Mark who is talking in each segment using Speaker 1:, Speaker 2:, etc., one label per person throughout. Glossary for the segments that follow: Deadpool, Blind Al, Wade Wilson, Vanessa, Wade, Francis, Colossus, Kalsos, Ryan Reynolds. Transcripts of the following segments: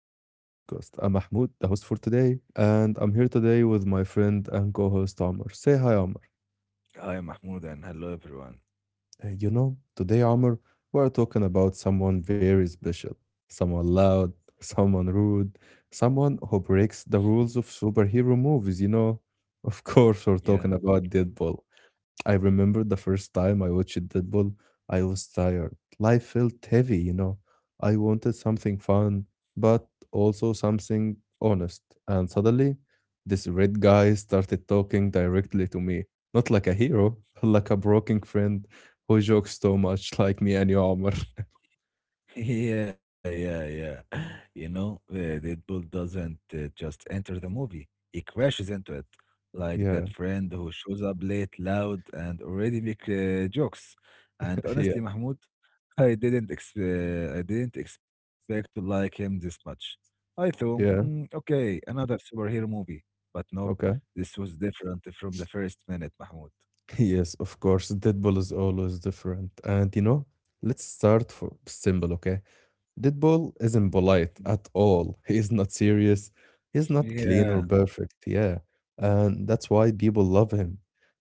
Speaker 1: podcast. I'm Mahmoud, the host for today, and I'm here today with my friend and co host Omar. Say hi, Omar.
Speaker 2: Hi, Mahmoud, and hello,
Speaker 1: Uh,
Speaker 2: everyone.
Speaker 1: you know, today, Omar, we're talking about someone very special, someone loud, someone rude, someone who breaks the rules of superhero movies. Of course, we're talking
Speaker 2: Yeah,
Speaker 1: about Deadpool. I remember the first time I watched Deadpool, I was tired. Life felt heavy. I wanted something fun, but also something honest. And suddenly, this red guy started talking directly to me. Not like a hero, like a broken friend who jokes so much like me and your armor.
Speaker 2: yeah. You know, Deadpool doesn't just enter the movie, he crashes into it, like
Speaker 1: Yeah,
Speaker 2: that friend who shows up late, loud, and already make jokes. And
Speaker 1: yeah,
Speaker 2: honestly, Mahmoud, I didn't expect to like him this much. I thought,
Speaker 1: yeah.
Speaker 2: "Mm, okay, another superhero movie, but no,
Speaker 1: Okay.
Speaker 2: this was different from the first minute, Mahmoud."
Speaker 1: Yes, of course. Deadpool is always different. And let's start for simple, okay? Deadpool isn't polite at all. He's not serious. He's not clean
Speaker 2: Yeah.
Speaker 1: or perfect. Yeah. And that's why people love him.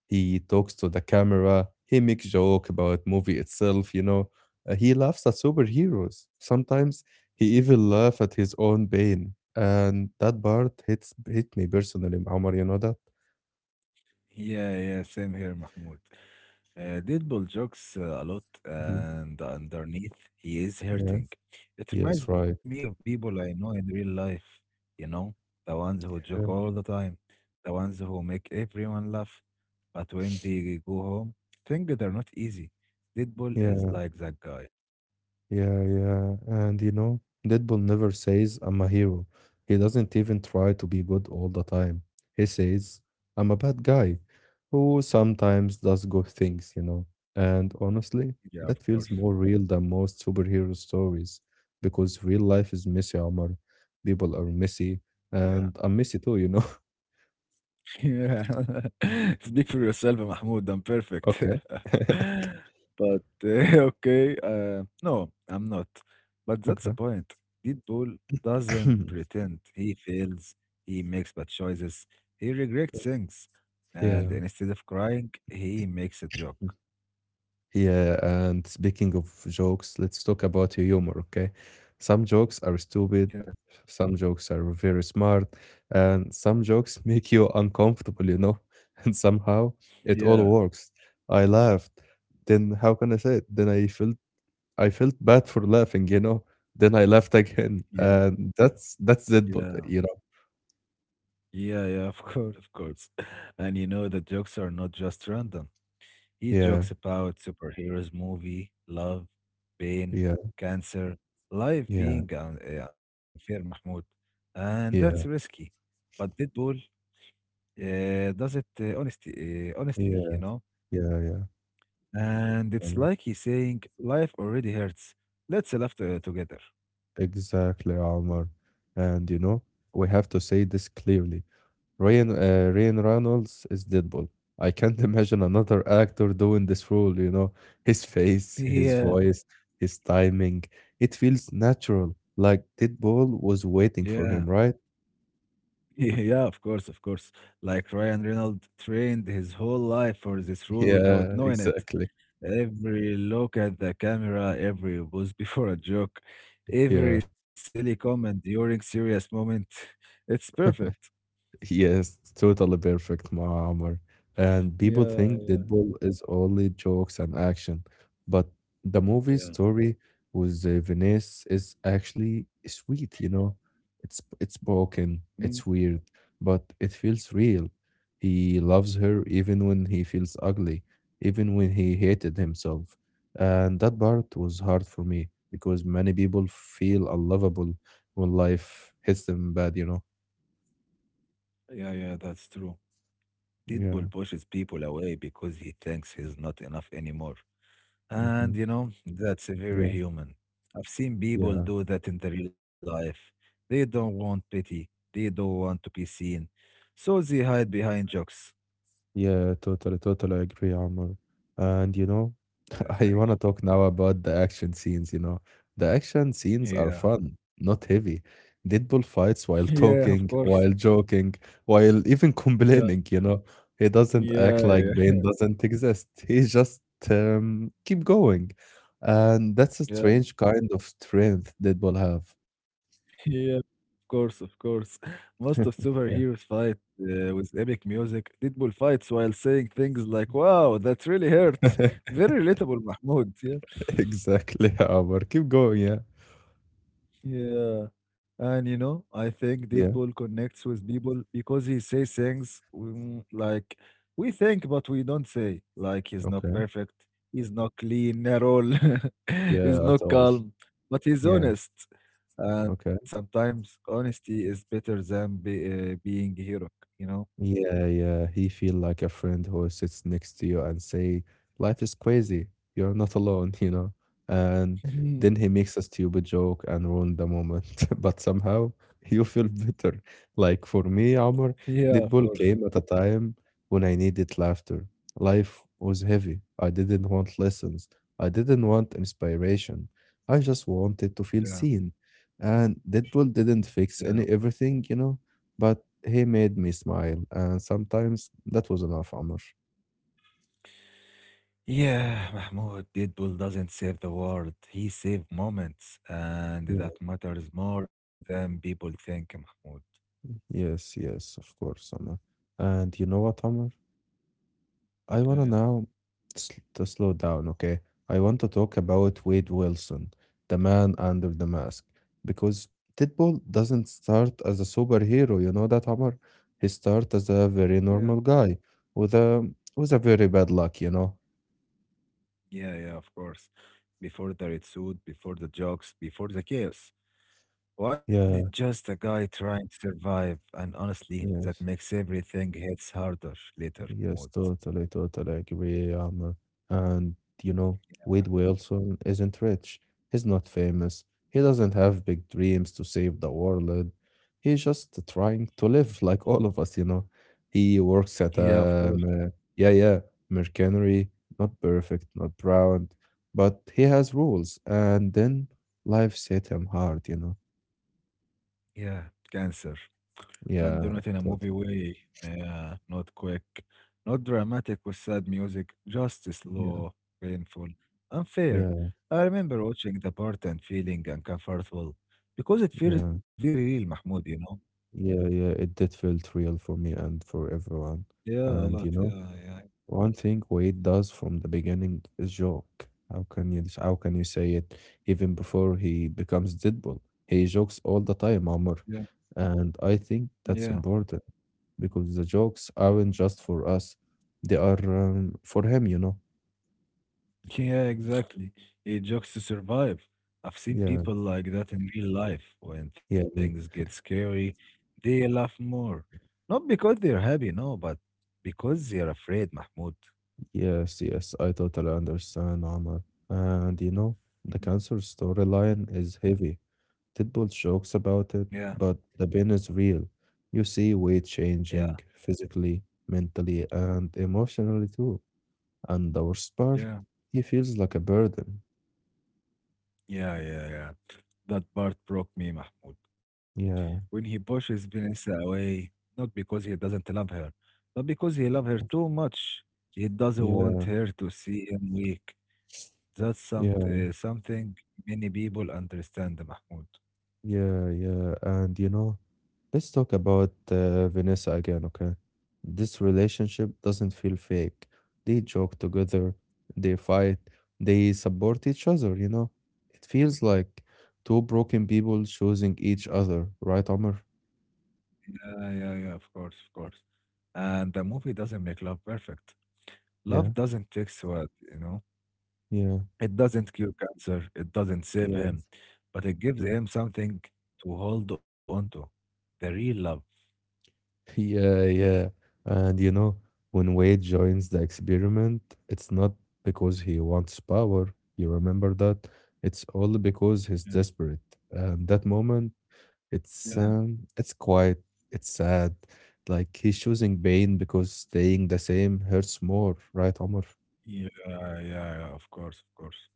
Speaker 1: He talks to the camera. He makes joke about movie itself. He laughs at superheroes. Sometimes he even laugh at his own pain. And that part hit me personally, Omar, you know that?
Speaker 2: Yeah, yeah, same here, Mahmoud. Deadpool jokes a lot,
Speaker 1: Mhm.
Speaker 2: and underneath, he is
Speaker 1: Yeah.
Speaker 2: hurting. It
Speaker 1: Yes,
Speaker 2: reminds me
Speaker 1: right.
Speaker 2: of people I know in real life, you know, the ones who joke
Speaker 1: Yeah.
Speaker 2: all the time, the ones who make everyone laugh, but when they go home, things that are not easy. Deadpool is
Speaker 1: Yeah.
Speaker 2: like that guy.
Speaker 1: Yeah, yeah. And Deadpool never says, I'm a hero. He doesn't even try to be good all the time. He says, I'm a bad guy who sometimes does good things. And honestly,
Speaker 2: Yeah, of
Speaker 1: that feels
Speaker 2: course.
Speaker 1: more real than most superhero stories because real life is messy, Omar. People are messy,
Speaker 2: Yeah.
Speaker 1: and I'm messy too.
Speaker 2: Yeah, speak for yourself, Mahmoud. I'm perfect.
Speaker 1: Okay.
Speaker 2: But okay, no, I'm not. But that's the
Speaker 1: Okay.
Speaker 2: point. Deadpool doesn't pretend. He fails. He makes bad choices. He regrets things.
Speaker 1: Yeah.
Speaker 2: And instead of crying, he makes a joke.
Speaker 1: Yeah, and speaking of jokes, let's talk about humor, okay? Some jokes are
Speaker 2: Yeah,
Speaker 1: stupid, some jokes are very smart, and some jokes make you uncomfortable, you know? And somehow it all
Speaker 2: yeah,
Speaker 1: works. I laughed. Then how can I say it? Then I felt bad for laughing, you know? Then I laughed again.
Speaker 2: yeah,
Speaker 1: And that's it,
Speaker 2: yeah.
Speaker 1: you know?
Speaker 2: Yeah, yeah, of course, of course. And you know the jokes are not just random. He
Speaker 1: Yeah,
Speaker 2: jokes about superheroes, movie, love, pain,
Speaker 1: yeah,
Speaker 2: cancer, life
Speaker 1: yeah,
Speaker 2: being unfair, Mahmoud. And that's
Speaker 1: yeah,
Speaker 2: risky. But Deadpool does it honestly,
Speaker 1: yeah,
Speaker 2: you know?
Speaker 1: yeah,
Speaker 2: And it's
Speaker 1: yeah.
Speaker 2: like he's saying, life already hurts. Let's together.
Speaker 1: Exactly, Omar. And we have to say this clearly. Ryan Reynolds is Deadpool. I can't imagine another actor doing this role, his face, his
Speaker 2: Yeah,
Speaker 1: voice, his timing. It feels natural, like Deadpool was waiting
Speaker 2: yeah,
Speaker 1: for him, right?
Speaker 2: yeah, of course, of course. Like Ryan Reynolds trained his whole life for this role without
Speaker 1: Yeah,
Speaker 2: knowing it.
Speaker 1: exactly.
Speaker 2: Every look at the camera, every pose before a joke,
Speaker 1: Yeah.
Speaker 2: every silly comment during serious moment. It's perfect.
Speaker 1: Yes, totally perfect, Muammar. And people
Speaker 2: Yeah,
Speaker 1: think
Speaker 2: yeah,
Speaker 1: Deadpool is only jokes and action, but the movie
Speaker 2: Yeah.
Speaker 1: story with Venice is actually sweet. It's broken,
Speaker 2: Mm.
Speaker 1: it's weird, but it feels real. He loves her even when he feels ugly, even when he hated himself. And that part was hard for me because many people feel unlovable when life hits them bad.
Speaker 2: Yeah, yeah, that's true.
Speaker 1: Yeah.
Speaker 2: Deadpool pushes people away because he thinks he's not enough anymore. And
Speaker 1: Mhm.
Speaker 2: you know, that's very
Speaker 1: Yeah,
Speaker 2: human. I've seen people
Speaker 1: yeah,
Speaker 2: do that in the real life. They don't want pity. They don't want to be seen. So they hide behind jokes.
Speaker 1: yeah, totally, totally agree, Omar. And
Speaker 2: Yeah,
Speaker 1: I
Speaker 2: thank
Speaker 1: want to talk now about the action scenes. The action scenes
Speaker 2: you.
Speaker 1: are
Speaker 2: Yeah.
Speaker 1: fun, not heavy. Deadpool fights while
Speaker 2: Yeah, of
Speaker 1: talking,
Speaker 2: course.
Speaker 1: while joking, while even
Speaker 2: Yeah.
Speaker 1: complaining. He doesn't act
Speaker 2: Yeah,
Speaker 1: like
Speaker 2: yeah,
Speaker 1: pain doesn't exist. He just keep going. And that's a
Speaker 2: yeah,
Speaker 1: strange kind of strength Deadpool have.
Speaker 2: yeah. Of course, of course. Most of superheroes
Speaker 1: Yeah.
Speaker 2: fight with epic music. Deadpool fights while saying things like, "Wow, that really hurts." Very relatable, Mahmoud. Yeah.
Speaker 1: Exactly, Omar. Keep going, yeah.
Speaker 2: Yeah. And you know, I think
Speaker 1: Yeah.
Speaker 2: Deadpool connects with people because he says things mm, like we think but we don't say. Like he's not
Speaker 1: Okay.
Speaker 2: perfect, he's not clean at all, he's
Speaker 1: Yeah, at
Speaker 2: not
Speaker 1: all.
Speaker 2: calm, but he's
Speaker 1: Yeah,
Speaker 2: honest. And
Speaker 1: okay.
Speaker 2: sometimes honesty is better than being heroic, you know?
Speaker 1: Yeah, yeah. He feel like a friend who sits next to you and say, "Life is crazy. You're not alone." And then he makes a stupid joke and ruin the moment. But somehow you feel better. Like for me, Omar,
Speaker 2: Yeah, of
Speaker 1: Deadpool
Speaker 2: course.
Speaker 1: came at a time when I needed laughter. Life was heavy. I didn't want lessons. I didn't want inspiration. I just wanted to feel
Speaker 2: Yeah,
Speaker 1: seen. And Deadpool didn't
Speaker 2: yeah.
Speaker 1: fix any everything, you know. But he made me smile, and sometimes that was enough, Amr.
Speaker 2: Yeah, Mahmoud, Deadpool doesn't save the world. He saves moments, and
Speaker 1: Yeah,
Speaker 2: that matters more than people think, Mahmoud.
Speaker 1: yes, yes, of course, Amr. And you know what, Amr? I
Speaker 2: Yeah,
Speaker 1: wanna
Speaker 2: yeah.
Speaker 1: now to slow down, okay? I want to talk about Wade Wilson, the man under the mask, because Deadpool doesn't start as a superhero, you know that, Amr? He starts as a very
Speaker 2: Yeah.
Speaker 1: normal guy with a with a very bad luck, you know?
Speaker 2: Yeah, yeah, of course. Before the red suit, before the jokes, before the chaos. Why did
Speaker 1: Yeah,
Speaker 2: just a guy trying to survive? And honestly, that
Speaker 1: yes.
Speaker 2: makes everything hits harder later, Mahmoud.
Speaker 1: Yes, totally, totally agree, Amr. And you know, Wade Wilson isn't rich. He's not famous. He doesn't have big dreams to save the world. He's just trying to live like all of us. He works at
Speaker 2: Yeah, of
Speaker 1: a,
Speaker 2: course.
Speaker 1: uh, yeah, yeah, mercenary, not perfect, not proud, but he has rules. And then life hit him hard.
Speaker 2: Yeah, cancer, and do
Speaker 1: Yeah,
Speaker 2: not in a
Speaker 1: totally.
Speaker 2: movie way. Yeah, not quick, not dramatic with sad music, just
Speaker 1: Yeah,
Speaker 2: slow, painful, unfair.
Speaker 1: yeah,
Speaker 2: I remember watching the part and feeling uncomfortable because it
Speaker 1: yeah.
Speaker 2: feels very real, Mahmoud, you know?
Speaker 1: Yeah, yeah, it did felt real for me and for everyone.
Speaker 2: Yeah, a
Speaker 1: And
Speaker 2: lot. Yeah,
Speaker 1: one thing Wade does from the beginning is joke. How can you say it even before he becomes Deadpool? He jokes all the time,
Speaker 2: yeah,
Speaker 1: Amr. And I think
Speaker 2: yeah.
Speaker 1: that's important because the jokes aren't just for us. They are for him.
Speaker 2: Yeah, exactly. It jokes to survive. I've seen
Speaker 1: Yeah,
Speaker 2: people like that in real life. When
Speaker 1: yeah,
Speaker 2: things
Speaker 1: me.
Speaker 2: get scary, they laugh more. Not because they're happy, no, but because they're afraid, Mahmoud.
Speaker 1: Yes, yes, I totally understand, Amr. And the cancer storyline is heavy. Deadpool jokes about it,
Speaker 2: Yeah,
Speaker 1: but the pain is real. You see weight
Speaker 2: yeah,
Speaker 1: changing physically, mentally, and emotionally too. And the worst part,
Speaker 2: yeah,
Speaker 1: he feels like a burden.
Speaker 2: yeah. That part broke me, Mahmoud. When
Speaker 1: Yeah,
Speaker 2: he pushes Vanessa away, not because he doesn't love her, but because he loves her too much. He doesn't want
Speaker 1: yeah,
Speaker 2: her to see him weak. That's
Speaker 1: yeah.
Speaker 2: something many people understand, Mahmoud.
Speaker 1: Yeah, yeah. And let's talk about Vanessa again, okay? This relationship doesn't feel fake. They joke together, they fight, they support each other, you know? It feels like two broken people choosing each other, right, Omar?
Speaker 2: Yeah, yeah, yeah, of course, of course. And the movie doesn't make love perfect.
Speaker 1: Yeah,
Speaker 2: Love doesn't fix what, you know?
Speaker 1: yeah,
Speaker 2: It doesn't cure cancer, it doesn't save
Speaker 1: yeah.
Speaker 2: him, but it gives
Speaker 1: Hmm?
Speaker 2: him something to hold on to, the real love.
Speaker 1: Yeah, yeah. And when Wade joins the experiment, it's not because he wants power. You remember that? It's all because he's
Speaker 2: Yeah,
Speaker 1: desperate. And that moment,
Speaker 2: yeah,
Speaker 1: it's quiet, it's sad. Like he's choosing pain because staying the same hurts more, right, Omar?
Speaker 2: yeah, of course, of course.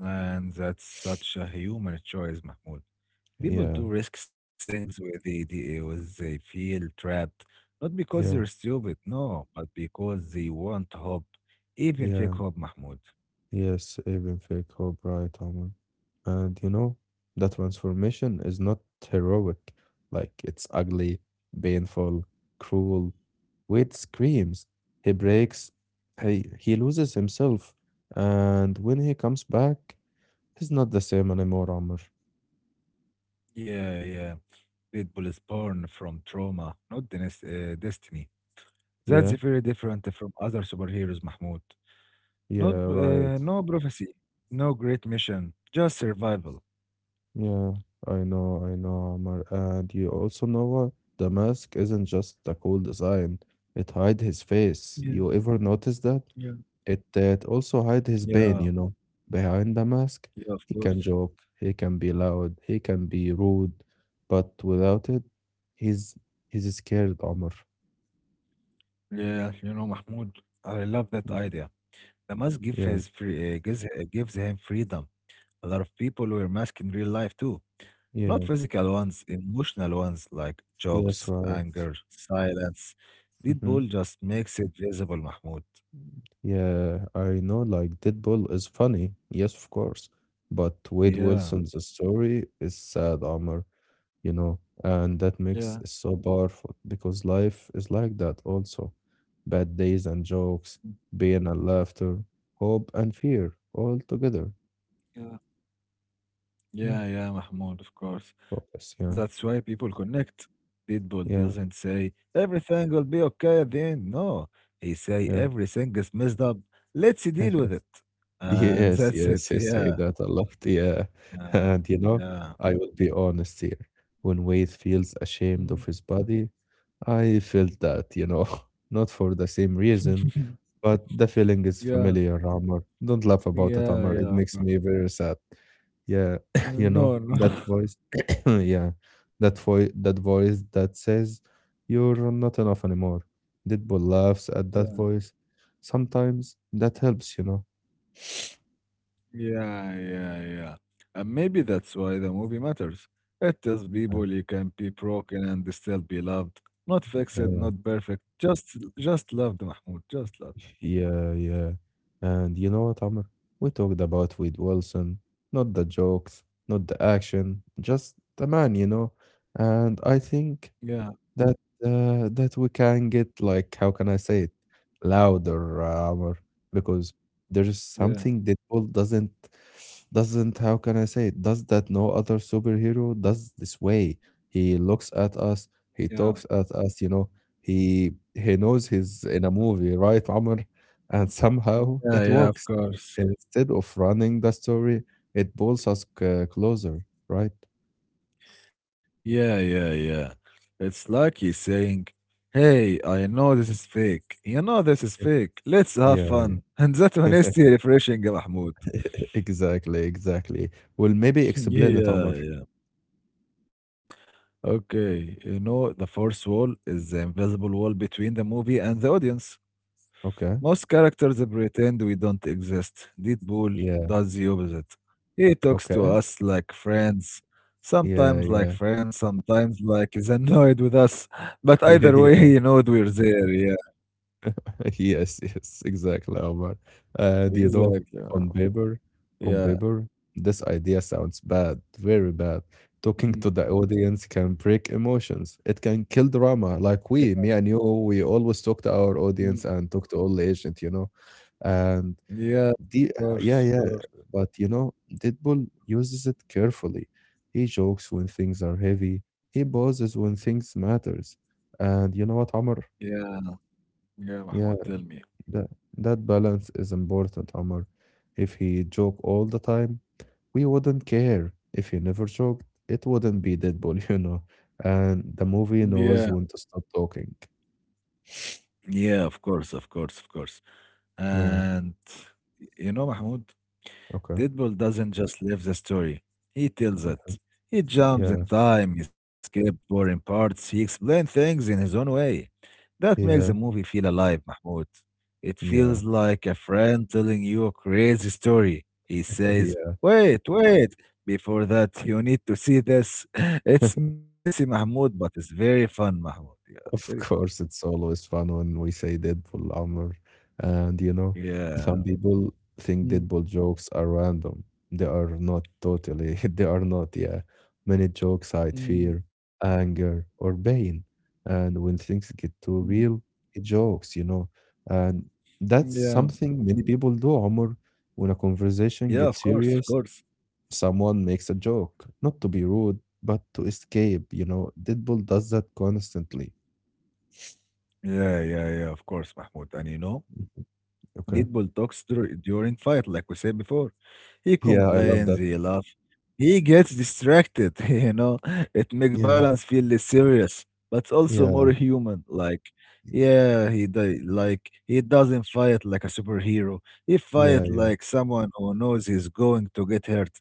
Speaker 2: And that's such a human choice, Mahmoud. People
Speaker 1: Yeah,
Speaker 2: do risk things where they feel trapped, not because they're
Speaker 1: yeah,
Speaker 2: stupid, no, but because they want hope, even fake
Speaker 1: yeah.
Speaker 2: hope, Mahmoud.
Speaker 1: Yes, even fake hope, right, Omar? And that transformation is not heroic. Like, it's ugly, painful, cruel. Wade screams. He breaks. He loses himself. And when he comes back, he's not the same anymore, Omar.
Speaker 2: Yeah, yeah. People is born from trauma, not the destiny. That's
Speaker 1: Yeah,
Speaker 2: very different from other superheroes, Mahmoud.
Speaker 1: yeah,
Speaker 2: Not,
Speaker 1: right.
Speaker 2: No prophecy, no great mission, just survival.
Speaker 1: Yeah, I know, Omar. And you also know what? The mask isn't just a cool design. It hides his face.
Speaker 2: Yeah,
Speaker 1: You ever notice that?
Speaker 2: yeah.
Speaker 1: It also hide his pain,
Speaker 2: Yeah,
Speaker 1: you know. Behind the mask,
Speaker 2: yeah, of
Speaker 1: he can
Speaker 2: course.
Speaker 1: joke, he can be loud, he can be rude, but without it, he's he's scared, Omar.
Speaker 2: Yeah, you know, Mahmoud, I love that
Speaker 1: Mm.
Speaker 2: idea. The mask gives
Speaker 1: Yeah,
Speaker 2: his gives him freedom. A lot of people wear masks in real life too. Not
Speaker 1: yeah,
Speaker 2: physical ones, emotional ones like
Speaker 1: yes,
Speaker 2: jokes,
Speaker 1: right.
Speaker 2: anger, silence.
Speaker 1: Hmm.
Speaker 2: Deadpool just makes it visible, Mahmoud.
Speaker 1: Yeah, I know. Like Deadpool is funny, yes, of course, but Wade
Speaker 2: Yeah,
Speaker 1: Wilson's story is sad, Omar. And that
Speaker 2: yeah.
Speaker 1: mix is so powerful because life is like that also. Bad days and jokes, pain and laughter, hope and fear all together.
Speaker 2: Yeah.
Speaker 1: Yeah,
Speaker 2: Yeah, yeah, Mahmoud, of course.
Speaker 1: focus,
Speaker 2: That's
Speaker 1: yeah,
Speaker 2: why people connect. People doesn't
Speaker 1: yeah,
Speaker 2: say everything will be okay at the end. No, he say
Speaker 1: yeah.
Speaker 2: everything is messed up. Let's deal with it, and
Speaker 1: Yes,
Speaker 2: that's
Speaker 1: yes,
Speaker 2: it.
Speaker 1: he say
Speaker 2: Yeah,
Speaker 1: that a lot, yeah.
Speaker 2: yeah,
Speaker 1: And
Speaker 2: yeah,
Speaker 1: I will be honest here. When Wade feels
Speaker 2: Mm.
Speaker 1: ashamed of his body, I felt that, not for the same reason, but the feeling is
Speaker 2: yeah,
Speaker 1: familiar, Amar. Don't laugh about it,
Speaker 2: yeah,
Speaker 1: Amar. It
Speaker 2: yeah.
Speaker 1: makes
Speaker 2: Uh,
Speaker 1: me very sad. Yeah,
Speaker 2: No, no.
Speaker 1: that voice, yeah, that voice that says you're not enough anymore. Deadpool laughs at that voice. Sometimes that helps.
Speaker 2: Yeah, yeah, yeah. And maybe that's why the movie matters. It tells
Speaker 1: Uh,
Speaker 2: people you can be broken and still be loved. Not fixed,
Speaker 1: yeah.
Speaker 2: not perfect. Just loved, Mahmoud. Just loved.
Speaker 1: Yeah, yeah. And you know what, Amr? We talked about Wade Wilson, not the jokes, not the action, just the man. And I think
Speaker 2: Yeah,
Speaker 1: that that we can get, like, how can I say it louder, Amr, because there's
Speaker 2: yeah,
Speaker 1: something that doesn't doesn't how can I say it does that no other superhero does this way. He looks at us,
Speaker 2: yeah.
Speaker 1: he talks at us. He knows he's in a movie, right, Amr? And somehow
Speaker 2: Yeah,
Speaker 1: it
Speaker 2: yeah, of
Speaker 1: works.
Speaker 2: course.
Speaker 1: Instead of running the story, it pulls us closer, right?
Speaker 2: Yeah, yeah, yeah. It's like he's saying, "Hey, I know this is fake. You know this is fake. Let's have
Speaker 1: Yeah.
Speaker 2: fun." And that honesty refreshing, Mahmoud.
Speaker 1: Exactly, exactly. Well, maybe explain
Speaker 2: Yeah,
Speaker 1: it, Omar.
Speaker 2: yeah. Okay, you know, the fourth wall is the invisible wall between the movie and the audience.
Speaker 1: Okay.
Speaker 2: Most characters pretend we don't exist. Deadpool
Speaker 1: Yeah.
Speaker 2: does the opposite. He talks to
Speaker 1: Okay.
Speaker 2: us like friends,
Speaker 1: Yeah,
Speaker 2: sometimes like
Speaker 1: yeah.
Speaker 2: friends, sometimes like he's annoyed with us. But
Speaker 1: Yeah,
Speaker 2: either way,
Speaker 1: yeah.
Speaker 2: he knows we're there. Yeah,
Speaker 1: Yes, yes, exactly, Omar. Do you know,
Speaker 2: exactly.
Speaker 1: on paper, on
Speaker 2: Yeah.
Speaker 1: paper, this idea sounds bad, very bad. Talking to the audience can break emotions. It can kill drama. Like we, me and you, we always talk to our
Speaker 2: Mm.
Speaker 1: audience and talk to all the agent. And
Speaker 2: Yeah,
Speaker 1: The
Speaker 2: of
Speaker 1: yeah,
Speaker 2: course, of
Speaker 1: yeah,
Speaker 2: course.
Speaker 1: but Deadpool uses it carefully. He jokes when things are heavy. He pauses when things matters. And you know what, Amr?
Speaker 2: Yeah, yeah,
Speaker 1: Yeah,
Speaker 2: Mahmoud, tell me.
Speaker 1: that that balance is important, Amr. If he joke all the time, we wouldn't care. If he never joked, it wouldn't be Deadpool. And the movie
Speaker 2: Yeah,
Speaker 1: knows when to stop talking.
Speaker 2: yeah, of course, of course, of course.
Speaker 1: Yeah.
Speaker 2: And you know, Mahmoud,
Speaker 1: Okay.
Speaker 2: Deadpool doesn't just live the story, he tells it. He jumps in
Speaker 1: Yeah.
Speaker 2: time, he skips boring parts, he explains things in his own way. That makes the
Speaker 1: Yeah.
Speaker 2: movie feel alive, Mahmoud. It
Speaker 1: Yeah.
Speaker 2: feels like a friend telling you a crazy story. He says,
Speaker 1: Yeah.
Speaker 2: "Wait, wait, before that, you need to see this." It's messy, Mahmoud, but it's very fun, Mahmoud. Yeah, very fun.
Speaker 1: Of course, it's always fun when we say Deadpool, Amr. And some
Speaker 2: Yeah.
Speaker 1: people think
Speaker 2: Mm,
Speaker 1: Deadpool jokes are random. They are not totally. They are not, yeah. Many jokes hide
Speaker 2: mm, mm.
Speaker 1: fear, anger, or pain. And when things get
Speaker 2: Mm.
Speaker 1: too real, it jokes. And that's
Speaker 2: Yeah.
Speaker 1: something many people do, Amr. When a conversation
Speaker 2: Yeah, of
Speaker 1: gets
Speaker 2: course, of
Speaker 1: serious,
Speaker 2: course.
Speaker 1: someone makes a joke. Not to be rude, but to escape. Deadpool does that constantly.
Speaker 2: Yeah, yeah, yeah, of course, Mahmoud. And you know,
Speaker 1: Okay.
Speaker 2: Deadpool talks during fight, like we said before. He
Speaker 1: Yeah, I love
Speaker 2: complains,
Speaker 1: that.
Speaker 2: he laughs, he gets distracted, you know. It makes
Speaker 1: Yeah,
Speaker 2: violence feel less serious, but also more
Speaker 1: yeah,
Speaker 2: human. Like, yeah, like he doesn't fight like a superhero. He
Speaker 1: yeah,
Speaker 2: fight
Speaker 1: yeah,
Speaker 2: like someone who knows he's going to get hurt.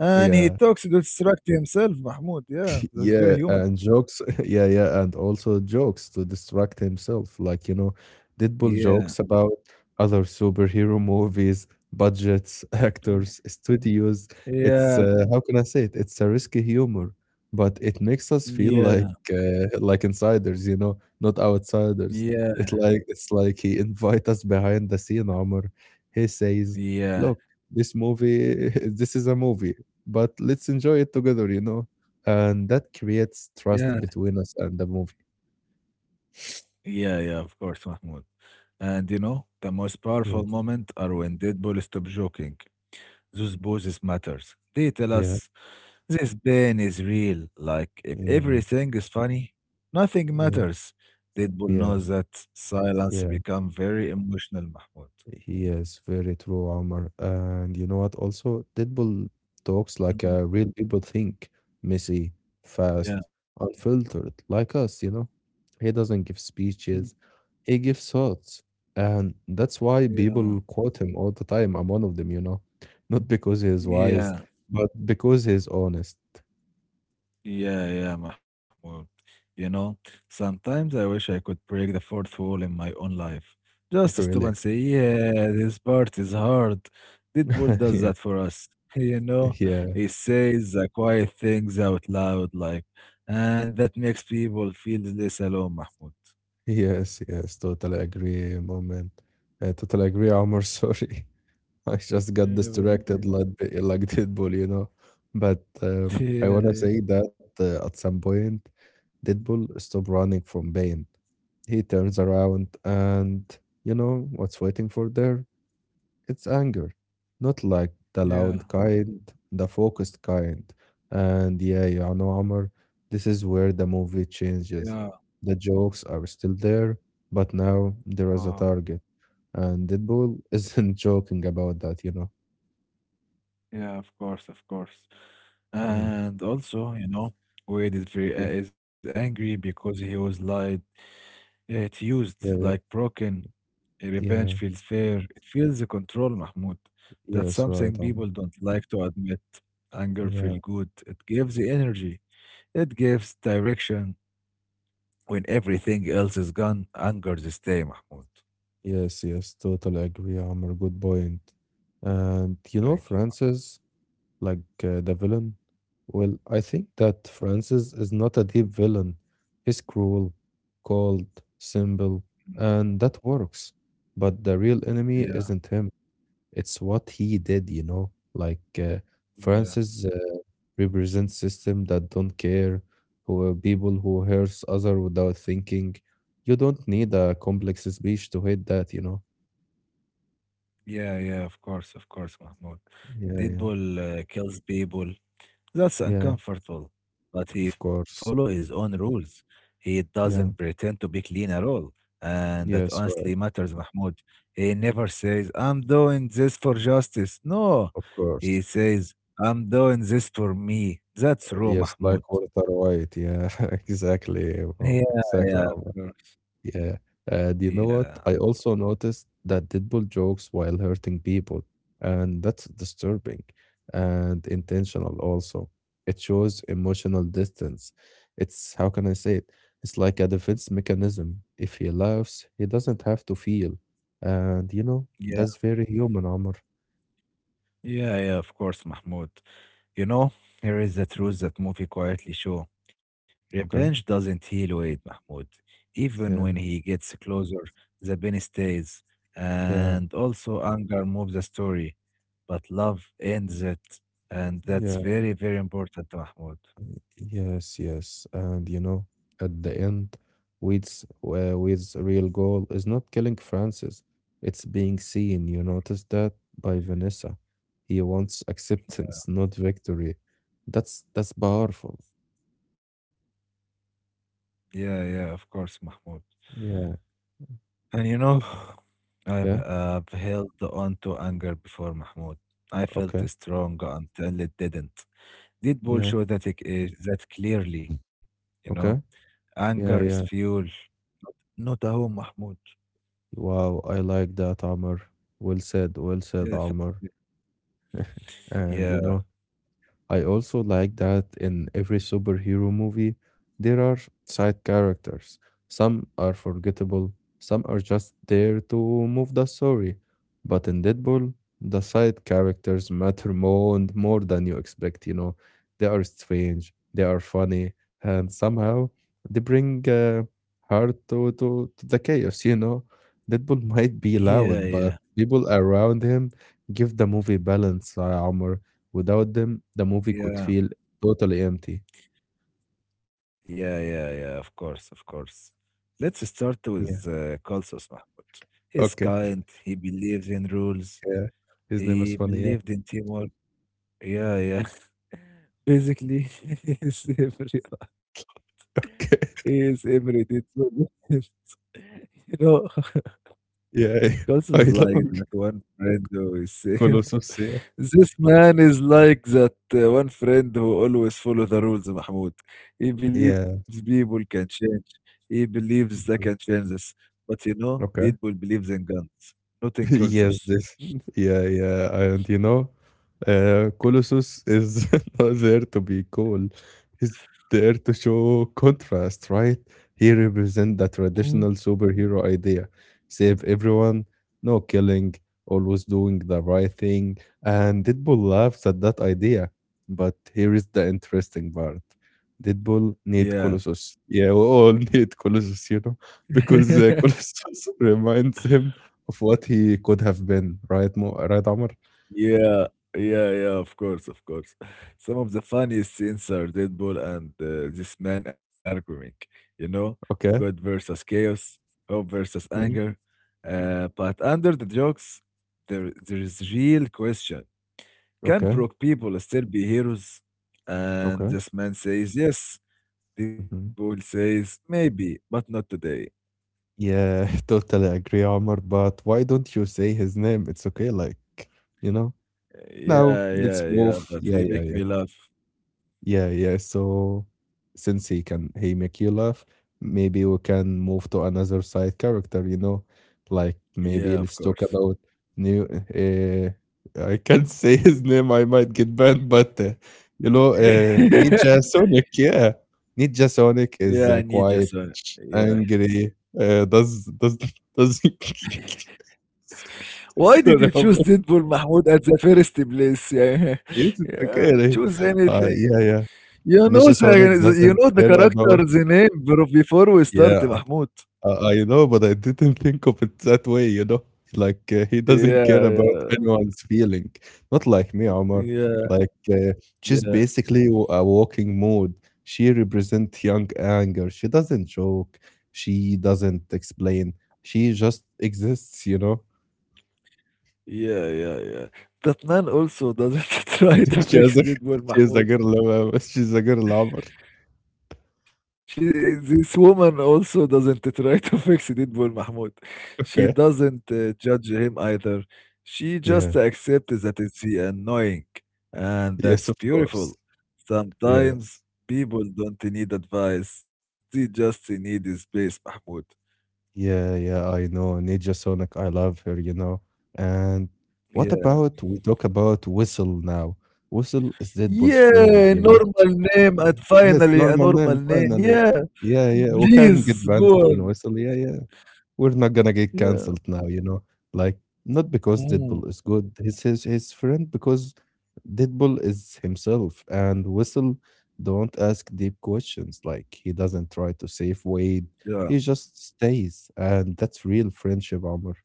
Speaker 2: And he
Speaker 1: yeah.
Speaker 2: talks to distract himself, Mahmoud. Yeah, that's very
Speaker 1: Yeah,
Speaker 2: human.
Speaker 1: and jokes. Yeah, yeah, and also jokes to distract himself. Like, you know, Deadpool
Speaker 2: Yeah.
Speaker 1: jokes about other superhero movies, budgets,
Speaker 2: Yeah.
Speaker 1: actors, studios. It's how can I say it? It's a risky humor, but it makes us feel like
Speaker 2: Yeah.
Speaker 1: like insiders, you know, not outsiders.
Speaker 2: Yeah.
Speaker 1: It's like he invite us behind the scene, Omar. He says,
Speaker 2: Yeah,
Speaker 1: "Look, this movie, this is a movie, but let's enjoy it together," and that creates
Speaker 2: yeah,
Speaker 1: trust between us and the movie.
Speaker 2: yeah, yeah, of course, Mahmoud. And you know, the most powerful
Speaker 1: Yes,
Speaker 2: moment are when Deadpool stop joking. Those poses matters. They tell
Speaker 1: yeah,
Speaker 2: us this pain is real. Like if
Speaker 1: yeah,
Speaker 2: everything is funny, nothing
Speaker 1: yeah,
Speaker 2: matters. Deadpool
Speaker 1: yeah,
Speaker 2: knows that silence
Speaker 1: yeah.
Speaker 2: become very emotional, Mahmoud.
Speaker 1: He is very true, Omar. And you know what? Also, Deadpool talks like
Speaker 2: Mhm,
Speaker 1: real people think, messy,
Speaker 2: Yeah,
Speaker 1: fast, unfiltered, like us, you know? He doesn't give
Speaker 2: mhm,
Speaker 1: speeches, he gives thoughts. And that's why people
Speaker 2: yeah,
Speaker 1: quote him all the time. I'm one of them, you know? Not because he's wise,
Speaker 2: yeah.
Speaker 1: but because he's honest,
Speaker 2: Yeah, yeah, Mahmoud. You know, sometimes I wish I could break the fourth wall in my own life. Just stop
Speaker 1: really.
Speaker 2: and say, yeah, this part is hard. Deadpool does
Speaker 1: Yeah,
Speaker 2: that for us. You know,
Speaker 1: yeah.
Speaker 2: he says the quiet things out loud, like, and that makes people feel less alone, Mahmoud.
Speaker 1: Yes, yes, totally agree, moment. I totally agree, Omar. Sorry, I just
Speaker 2: Yeah,
Speaker 1: got
Speaker 2: never
Speaker 1: distracted
Speaker 2: mind.
Speaker 1: like like Deadpool, you know. But
Speaker 2: Yeah,
Speaker 1: I wanna
Speaker 2: yeah,
Speaker 1: say that at some point, Deadpool stopped running from pain. He turns around, and you know what's waiting for there? It's anger, not like the
Speaker 2: yeah,
Speaker 1: loud kind, the focused kind. And yeah, you know, Amr, this is where the movie
Speaker 2: yeah.
Speaker 1: changes. The jokes are still there, but now there is a
Speaker 2: Oh,
Speaker 1: target. And Deadpool isn't joking about that, you know?
Speaker 2: yeah, of course, of course.
Speaker 1: Yeah.
Speaker 2: And also, you know, Wade is very
Speaker 1: Yeah.
Speaker 2: is angry because he was lied. It's used like
Speaker 1: Yeah,
Speaker 2: broken. Revenge
Speaker 1: yeah,
Speaker 2: feels fair. It feels the control, Mahmoud. That's
Speaker 1: yes,
Speaker 2: something
Speaker 1: right, Amr.
Speaker 2: people don't like to admit. Anger feels
Speaker 1: Yeah,
Speaker 2: good. It gives the energy. It gives direction. When everything else is gone, anger stay, Mahmoud.
Speaker 1: yes, yes, totally agree, Amr. Good point. And you know,
Speaker 2: Thank you.
Speaker 1: Francis, like the villain? Well, I think that Francis is not a deep villain. He's cruel, cold, simple, and that works. But the real enemy
Speaker 2: Yeah,
Speaker 1: isn't him. It's what he did, you know? Like
Speaker 2: yeah,
Speaker 1: Francis represents system that don't care, who people who hurts other without thinking. You don't need a complex speech to hate that, you know?
Speaker 2: yeah. Of course, Mahmoud.
Speaker 1: Yeah, yeah,
Speaker 2: Deadpool kills people. That's
Speaker 1: yeah.
Speaker 2: uncomfortable, but he
Speaker 1: Of
Speaker 2: follow his
Speaker 1: course.
Speaker 2: own rules. He doesn't
Speaker 1: Yeah.
Speaker 2: pretend to be clean at all. And that
Speaker 1: Yes,
Speaker 2: honestly
Speaker 1: right.
Speaker 2: matters, Mahmoud. He never says, "I'm doing this for justice." No,
Speaker 1: Of
Speaker 2: he
Speaker 1: course.
Speaker 2: says, "I'm doing this for me." That's raw,
Speaker 1: Yes, like
Speaker 2: Mahmoud.
Speaker 1: water white. Yeah, exactly,
Speaker 2: Yeah,
Speaker 1: bro.
Speaker 2: yeah, of
Speaker 1: Exactly, Omar.
Speaker 2: course.
Speaker 1: Yeah. Do you know what?
Speaker 2: Yeah,
Speaker 1: I also noticed that Deadpool jokes while hurting people, and that's disturbing and intentional also. It shows emotional distance. It's, how can I say it? It's like a defense mechanism. If he laughs, he doesn't have to feel. And you know,
Speaker 2: yeah,
Speaker 1: that's very human, Omar.
Speaker 2: yeah, of course, Mahmoud. You know, here is the truth that movie quietly show. Revenge
Speaker 1: Okay.
Speaker 2: doesn't heal Wade Mahmoud. Even when
Speaker 1: Yeah.
Speaker 2: he gets closer, the pain stays.
Speaker 1: Yeah.
Speaker 2: And also anger moves the story. But love ends it. And
Speaker 1: Yeah.
Speaker 2: that's very, very important, Mahmoud.
Speaker 1: Yes, yes. And you know, at the end, Wade's real goal is not killing Francis. It's being seen. You notice that by Vanessa. He wants acceptance, not victory. That's powerful.
Speaker 2: Yeah, yeah, of course, Mahmoud.
Speaker 1: Yeah.
Speaker 2: And you know, I've,
Speaker 1: Yeah.
Speaker 2: I've held on to anger before, Mahmoud. I felt
Speaker 1: Okay.
Speaker 2: strong until it didn't. Did Deadpool
Speaker 1: Yeah.
Speaker 2: show that, it is, that clearly, you know?
Speaker 1: Okay.
Speaker 2: Anger is
Speaker 1: Yeah. Yeah.
Speaker 2: fuel, not a home, Mahmoud.
Speaker 1: Wow. I like that, Amr. Well said. Well said,
Speaker 2: Yes.
Speaker 1: Amr. And you
Speaker 2: yeah,
Speaker 1: know, I also like that in every superhero movie, there are side characters. Some are forgettable, some are just there to move the story. But in Deadpool, the side characters matter more and more than you expect, you know. They are strange, they are funny, and somehow they bring heart to, to the chaos, you know. Deadpool might be
Speaker 2: yeah,
Speaker 1: loud, but
Speaker 2: yeah,
Speaker 1: people around him give the movie balance, Without them, the movie could feel
Speaker 2: yeah,
Speaker 1: totally empty.
Speaker 2: yeah, of course, of course. Let's start
Speaker 1: Yeah.
Speaker 2: with Kalsos Mahmoud.
Speaker 1: Okay.
Speaker 2: He's kind, he believes in
Speaker 1: Yeah.
Speaker 2: rules,
Speaker 1: His name is funny.
Speaker 2: he
Speaker 1: Yeah.
Speaker 2: believed in teamwork. Yeah, yeah. Basically, he's every,
Speaker 1: Okay.
Speaker 2: he's every did you know,
Speaker 1: Yeah.
Speaker 2: Kalsos
Speaker 1: I
Speaker 2: is like
Speaker 1: love
Speaker 2: that one friend who is saying
Speaker 1: Colossus. Yeah.
Speaker 2: this man is like that one friend who always follow the rules, Mahmoud. He
Speaker 1: Yeah.
Speaker 2: believes people can change. He believes they
Speaker 1: Mhm.
Speaker 2: can change this, but you know,
Speaker 1: Okay.
Speaker 2: people believes in guns, not in
Speaker 1: Yes, this.
Speaker 2: curses.
Speaker 1: Yeah, yeah. And you know, Colossus is not there to be cool. He's there to show contrast, right? He represents the
Speaker 2: Mm.
Speaker 1: traditional superhero idea. Save everyone, no killing, always doing the right thing. And Deadpool laughs at that idea. But here is the interesting part. Deadpool need
Speaker 2: Yeah.
Speaker 1: Colossus. Yeah, we all need Colossus, you know, because Colossus reminds him of what he could have been, right, Amr?
Speaker 2: Yeah, yeah, yeah, of course, of course. Some of the funniest scenes are Deadpool and this man arguing, you know, good
Speaker 1: Okay.
Speaker 2: versus chaos, hope versus
Speaker 1: Mhm.
Speaker 2: anger. But under the jokes, there is real question. Can
Speaker 1: Okay.
Speaker 2: broke people still be heroes? And
Speaker 1: Okay.
Speaker 2: this man says yes. Deadpool
Speaker 1: Mhm.
Speaker 2: says maybe, but not today.
Speaker 1: Yeah, totally agree, Amr. But why don't you say his name? It's okay, like, you know? Now,
Speaker 2: Yeah,
Speaker 1: let's
Speaker 2: yeah,
Speaker 1: move.
Speaker 2: yeah. But
Speaker 1: Yeah,
Speaker 2: he
Speaker 1: yeah,
Speaker 2: make
Speaker 1: yeah.
Speaker 2: me laugh.
Speaker 1: Yeah, yeah. So since he make you laugh, maybe we can move to another side character, you know? Like maybe
Speaker 2: Yeah, of
Speaker 1: let's talk
Speaker 2: course.
Speaker 1: about new I can't say his name, I might get banned, but you know, Ninja Sonic, yeah. Ninja Sonic
Speaker 2: Yeah, I
Speaker 1: is
Speaker 2: need Jason.
Speaker 1: quite
Speaker 2: Yeah.
Speaker 1: angry. Does
Speaker 2: Why did you
Speaker 1: Sorry, I'm-
Speaker 2: choose Deadpool, Mahmoud, at the first place? Yeah,
Speaker 1: yes, it's okay.
Speaker 2: yeah,
Speaker 1: Like,
Speaker 2: choose anything.
Speaker 1: Yeah, yeah.
Speaker 2: You know
Speaker 1: Ninja Sonic
Speaker 2: the you
Speaker 1: doesn't
Speaker 2: know the
Speaker 1: care about
Speaker 2: character's name bro before we start,
Speaker 1: yeah
Speaker 2: Mahmoud.
Speaker 1: I know, but I didn't think of it that way, you know? Like, he doesn't
Speaker 2: Yeah,
Speaker 1: care about
Speaker 2: yeah.
Speaker 1: anyone's feeling. Not like me, Omar.
Speaker 2: Yeah,
Speaker 1: Like, she's
Speaker 2: yeah.
Speaker 1: basically a walking mood. She represents young anger. She doesn't joke. She doesn't explain. She just exists, you know?
Speaker 2: Yeah, yeah, yeah. That man also doesn't try to fix Deadpool,
Speaker 1: She is a
Speaker 2: Mahmoud.
Speaker 1: girl. She's a girl, Omar.
Speaker 2: She this woman also doesn't try to fix Deadpool, Mahmoud. She
Speaker 1: Okay.
Speaker 2: doesn't judge him either. She just
Speaker 1: Yeah.
Speaker 2: accepts that it's annoying, and
Speaker 1: Yes,
Speaker 2: that's
Speaker 1: of course.
Speaker 2: beautiful. Sometimes
Speaker 1: Yes.
Speaker 2: people don't need advice; they just need space, Mahmoud.
Speaker 1: Yeah, yeah, I know. Ninja Sonic, I love her, you know. And what
Speaker 2: Yeah.
Speaker 1: about we talk about Whistle now? Whistle is Deadpool's friend,
Speaker 2: Yeah,
Speaker 1: you know.
Speaker 2: normal name and
Speaker 1: Mm. Yes,
Speaker 2: finally a
Speaker 1: normal
Speaker 2: normal
Speaker 1: name,
Speaker 2: name.
Speaker 1: finally.
Speaker 2: Yeah.
Speaker 1: Yeah, yeah. We can get
Speaker 2: Please
Speaker 1: banned
Speaker 2: go
Speaker 1: in
Speaker 2: on.
Speaker 1: Whistle. Yeah, yeah. We're not gonna get
Speaker 2: Yeah.
Speaker 1: canceled now, you know? Like, not because
Speaker 2: Mm.
Speaker 1: Deadpool is good, His friend because Deadpool is himself, and Whistle don't ask deep questions. Like, he doesn't try to save Wade.
Speaker 2: Yeah.
Speaker 1: He just stays, and that's real friendship, Omar.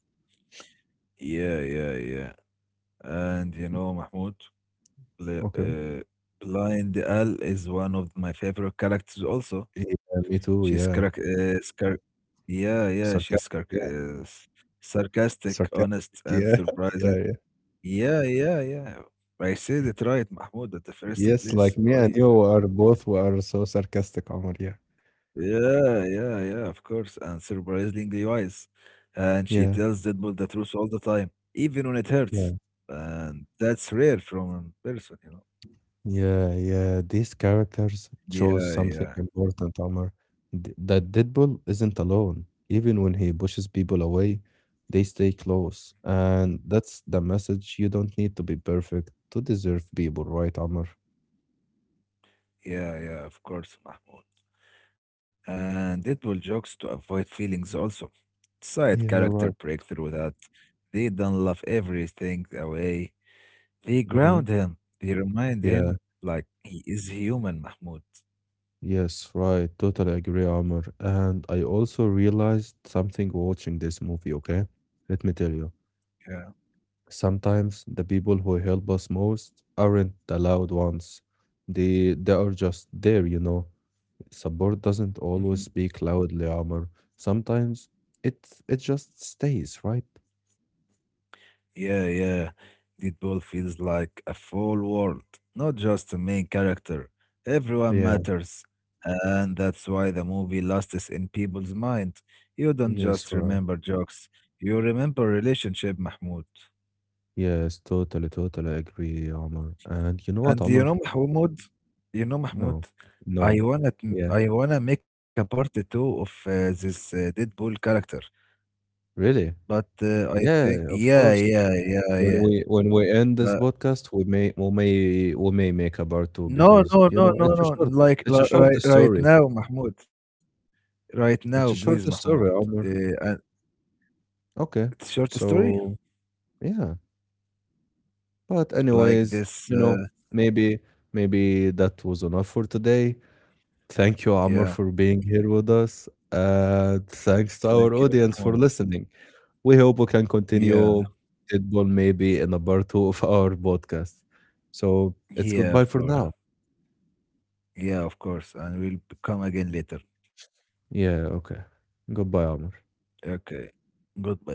Speaker 2: Yeah, yeah, yeah. And you know, Mahmoud? Bl-
Speaker 1: Okay.
Speaker 2: uh, Blind Al is one of my favorite characters also.
Speaker 1: Yeah, me
Speaker 2: She's
Speaker 1: too,
Speaker 2: carac
Speaker 1: yeah.
Speaker 2: scar Yeah, yeah,
Speaker 1: Sarcastic, yeah.
Speaker 2: sarcastic, honest,
Speaker 1: Sarcastic,
Speaker 2: and
Speaker 1: yeah. Yeah,
Speaker 2: surprising.
Speaker 1: yeah.
Speaker 2: Yeah, yeah, yeah. I said it right, Mahmoud, at the first
Speaker 1: Yes,
Speaker 2: place.
Speaker 1: like me
Speaker 2: Why
Speaker 1: and
Speaker 2: you-
Speaker 1: you are both were so sarcastic, Omar, yeah.
Speaker 2: yeah, yeah, yeah, of course, and surprisingly wise. And she
Speaker 1: Yeah.
Speaker 2: tells Deadpool the truth all the time, even when it hurts. And that's rare from a person, you know.
Speaker 1: Yeah, yeah, these characters shows
Speaker 2: Yeah,
Speaker 1: something
Speaker 2: yeah.
Speaker 1: important, Omar. Th- That Deadpool isn't alone. Even when he pushes people away, they stay close. And that's the message. You don't need to be perfect to deserve people, right, Omar?
Speaker 2: Yeah, yeah, of course, Mahmoud. And it will jokes to avoid feelings also. Side
Speaker 1: Yeah,
Speaker 2: character
Speaker 1: right.
Speaker 2: breakthrough that they don't love everything away. They
Speaker 1: Mm-hmm.
Speaker 2: ground him. They remind
Speaker 1: Yeah,
Speaker 2: him like he is human, Mahmoud.
Speaker 1: yes, right. Totally agree, Omar. And I also realized something watching this movie, okay? Let me tell you.
Speaker 2: Yeah.
Speaker 1: Sometimes the people who help us most aren't the loud ones. They are just there, you know. Support doesn't always speak loudly, Amr. Sometimes it just stays, right?
Speaker 2: Yeah, yeah. Deadpool feels like a full world, not just a main character. Everyone
Speaker 1: Yeah.
Speaker 2: matters. And that's why the movie lasts in people's mind. You don't
Speaker 1: Yes,
Speaker 2: just
Speaker 1: right.
Speaker 2: remember jokes, you remember relationship, Mahmoud.
Speaker 1: Yes, totally, totally agree, Amr. And you know what,
Speaker 2: And you
Speaker 1: Amr?
Speaker 2: know, Mahmoud, you know, Mahmoud,
Speaker 1: No,
Speaker 2: I
Speaker 1: no.
Speaker 2: wanna,
Speaker 1: Yeah.
Speaker 2: I wanna make a part two of this Deadpool character.
Speaker 1: Really?
Speaker 2: But I
Speaker 1: Yeah,
Speaker 2: think,
Speaker 1: of
Speaker 2: yeah,
Speaker 1: course.
Speaker 2: yeah, yeah,
Speaker 1: When
Speaker 2: yeah.
Speaker 1: we when we end this
Speaker 2: But
Speaker 1: podcast, we may make a part two
Speaker 2: No,
Speaker 1: because
Speaker 2: no,
Speaker 1: you
Speaker 2: no,
Speaker 1: know
Speaker 2: no, no. Like,
Speaker 1: it's a short
Speaker 2: right, right
Speaker 1: story.
Speaker 2: now, Mahmoud. Right now,
Speaker 1: It's
Speaker 2: please,
Speaker 1: a shorter
Speaker 2: Mahmoud.
Speaker 1: story,
Speaker 2: Uh,
Speaker 1: Omar.
Speaker 2: uh,
Speaker 1: Okay.
Speaker 2: it's short story
Speaker 1: So yeah. But
Speaker 2: like
Speaker 1: anyways,
Speaker 2: this.
Speaker 1: you know, maybe maybe that was enough for today. Thank you, Amor,
Speaker 2: Yeah,
Speaker 1: for being here with us. And thanks to
Speaker 2: thank
Speaker 1: our
Speaker 2: you,
Speaker 1: audience
Speaker 2: Mahmoud.
Speaker 1: for listening. We hope we can
Speaker 2: Yeah,
Speaker 1: continue it one maybe in a part two of our podcast. So it's
Speaker 2: yeah,
Speaker 1: goodbye
Speaker 2: of
Speaker 1: for
Speaker 2: course.
Speaker 1: now.
Speaker 2: Yeah, of course. And we'll come again later.
Speaker 1: Yeah, okay. Goodbye, Amor.
Speaker 2: Okay. Goodbye, Mahmoud.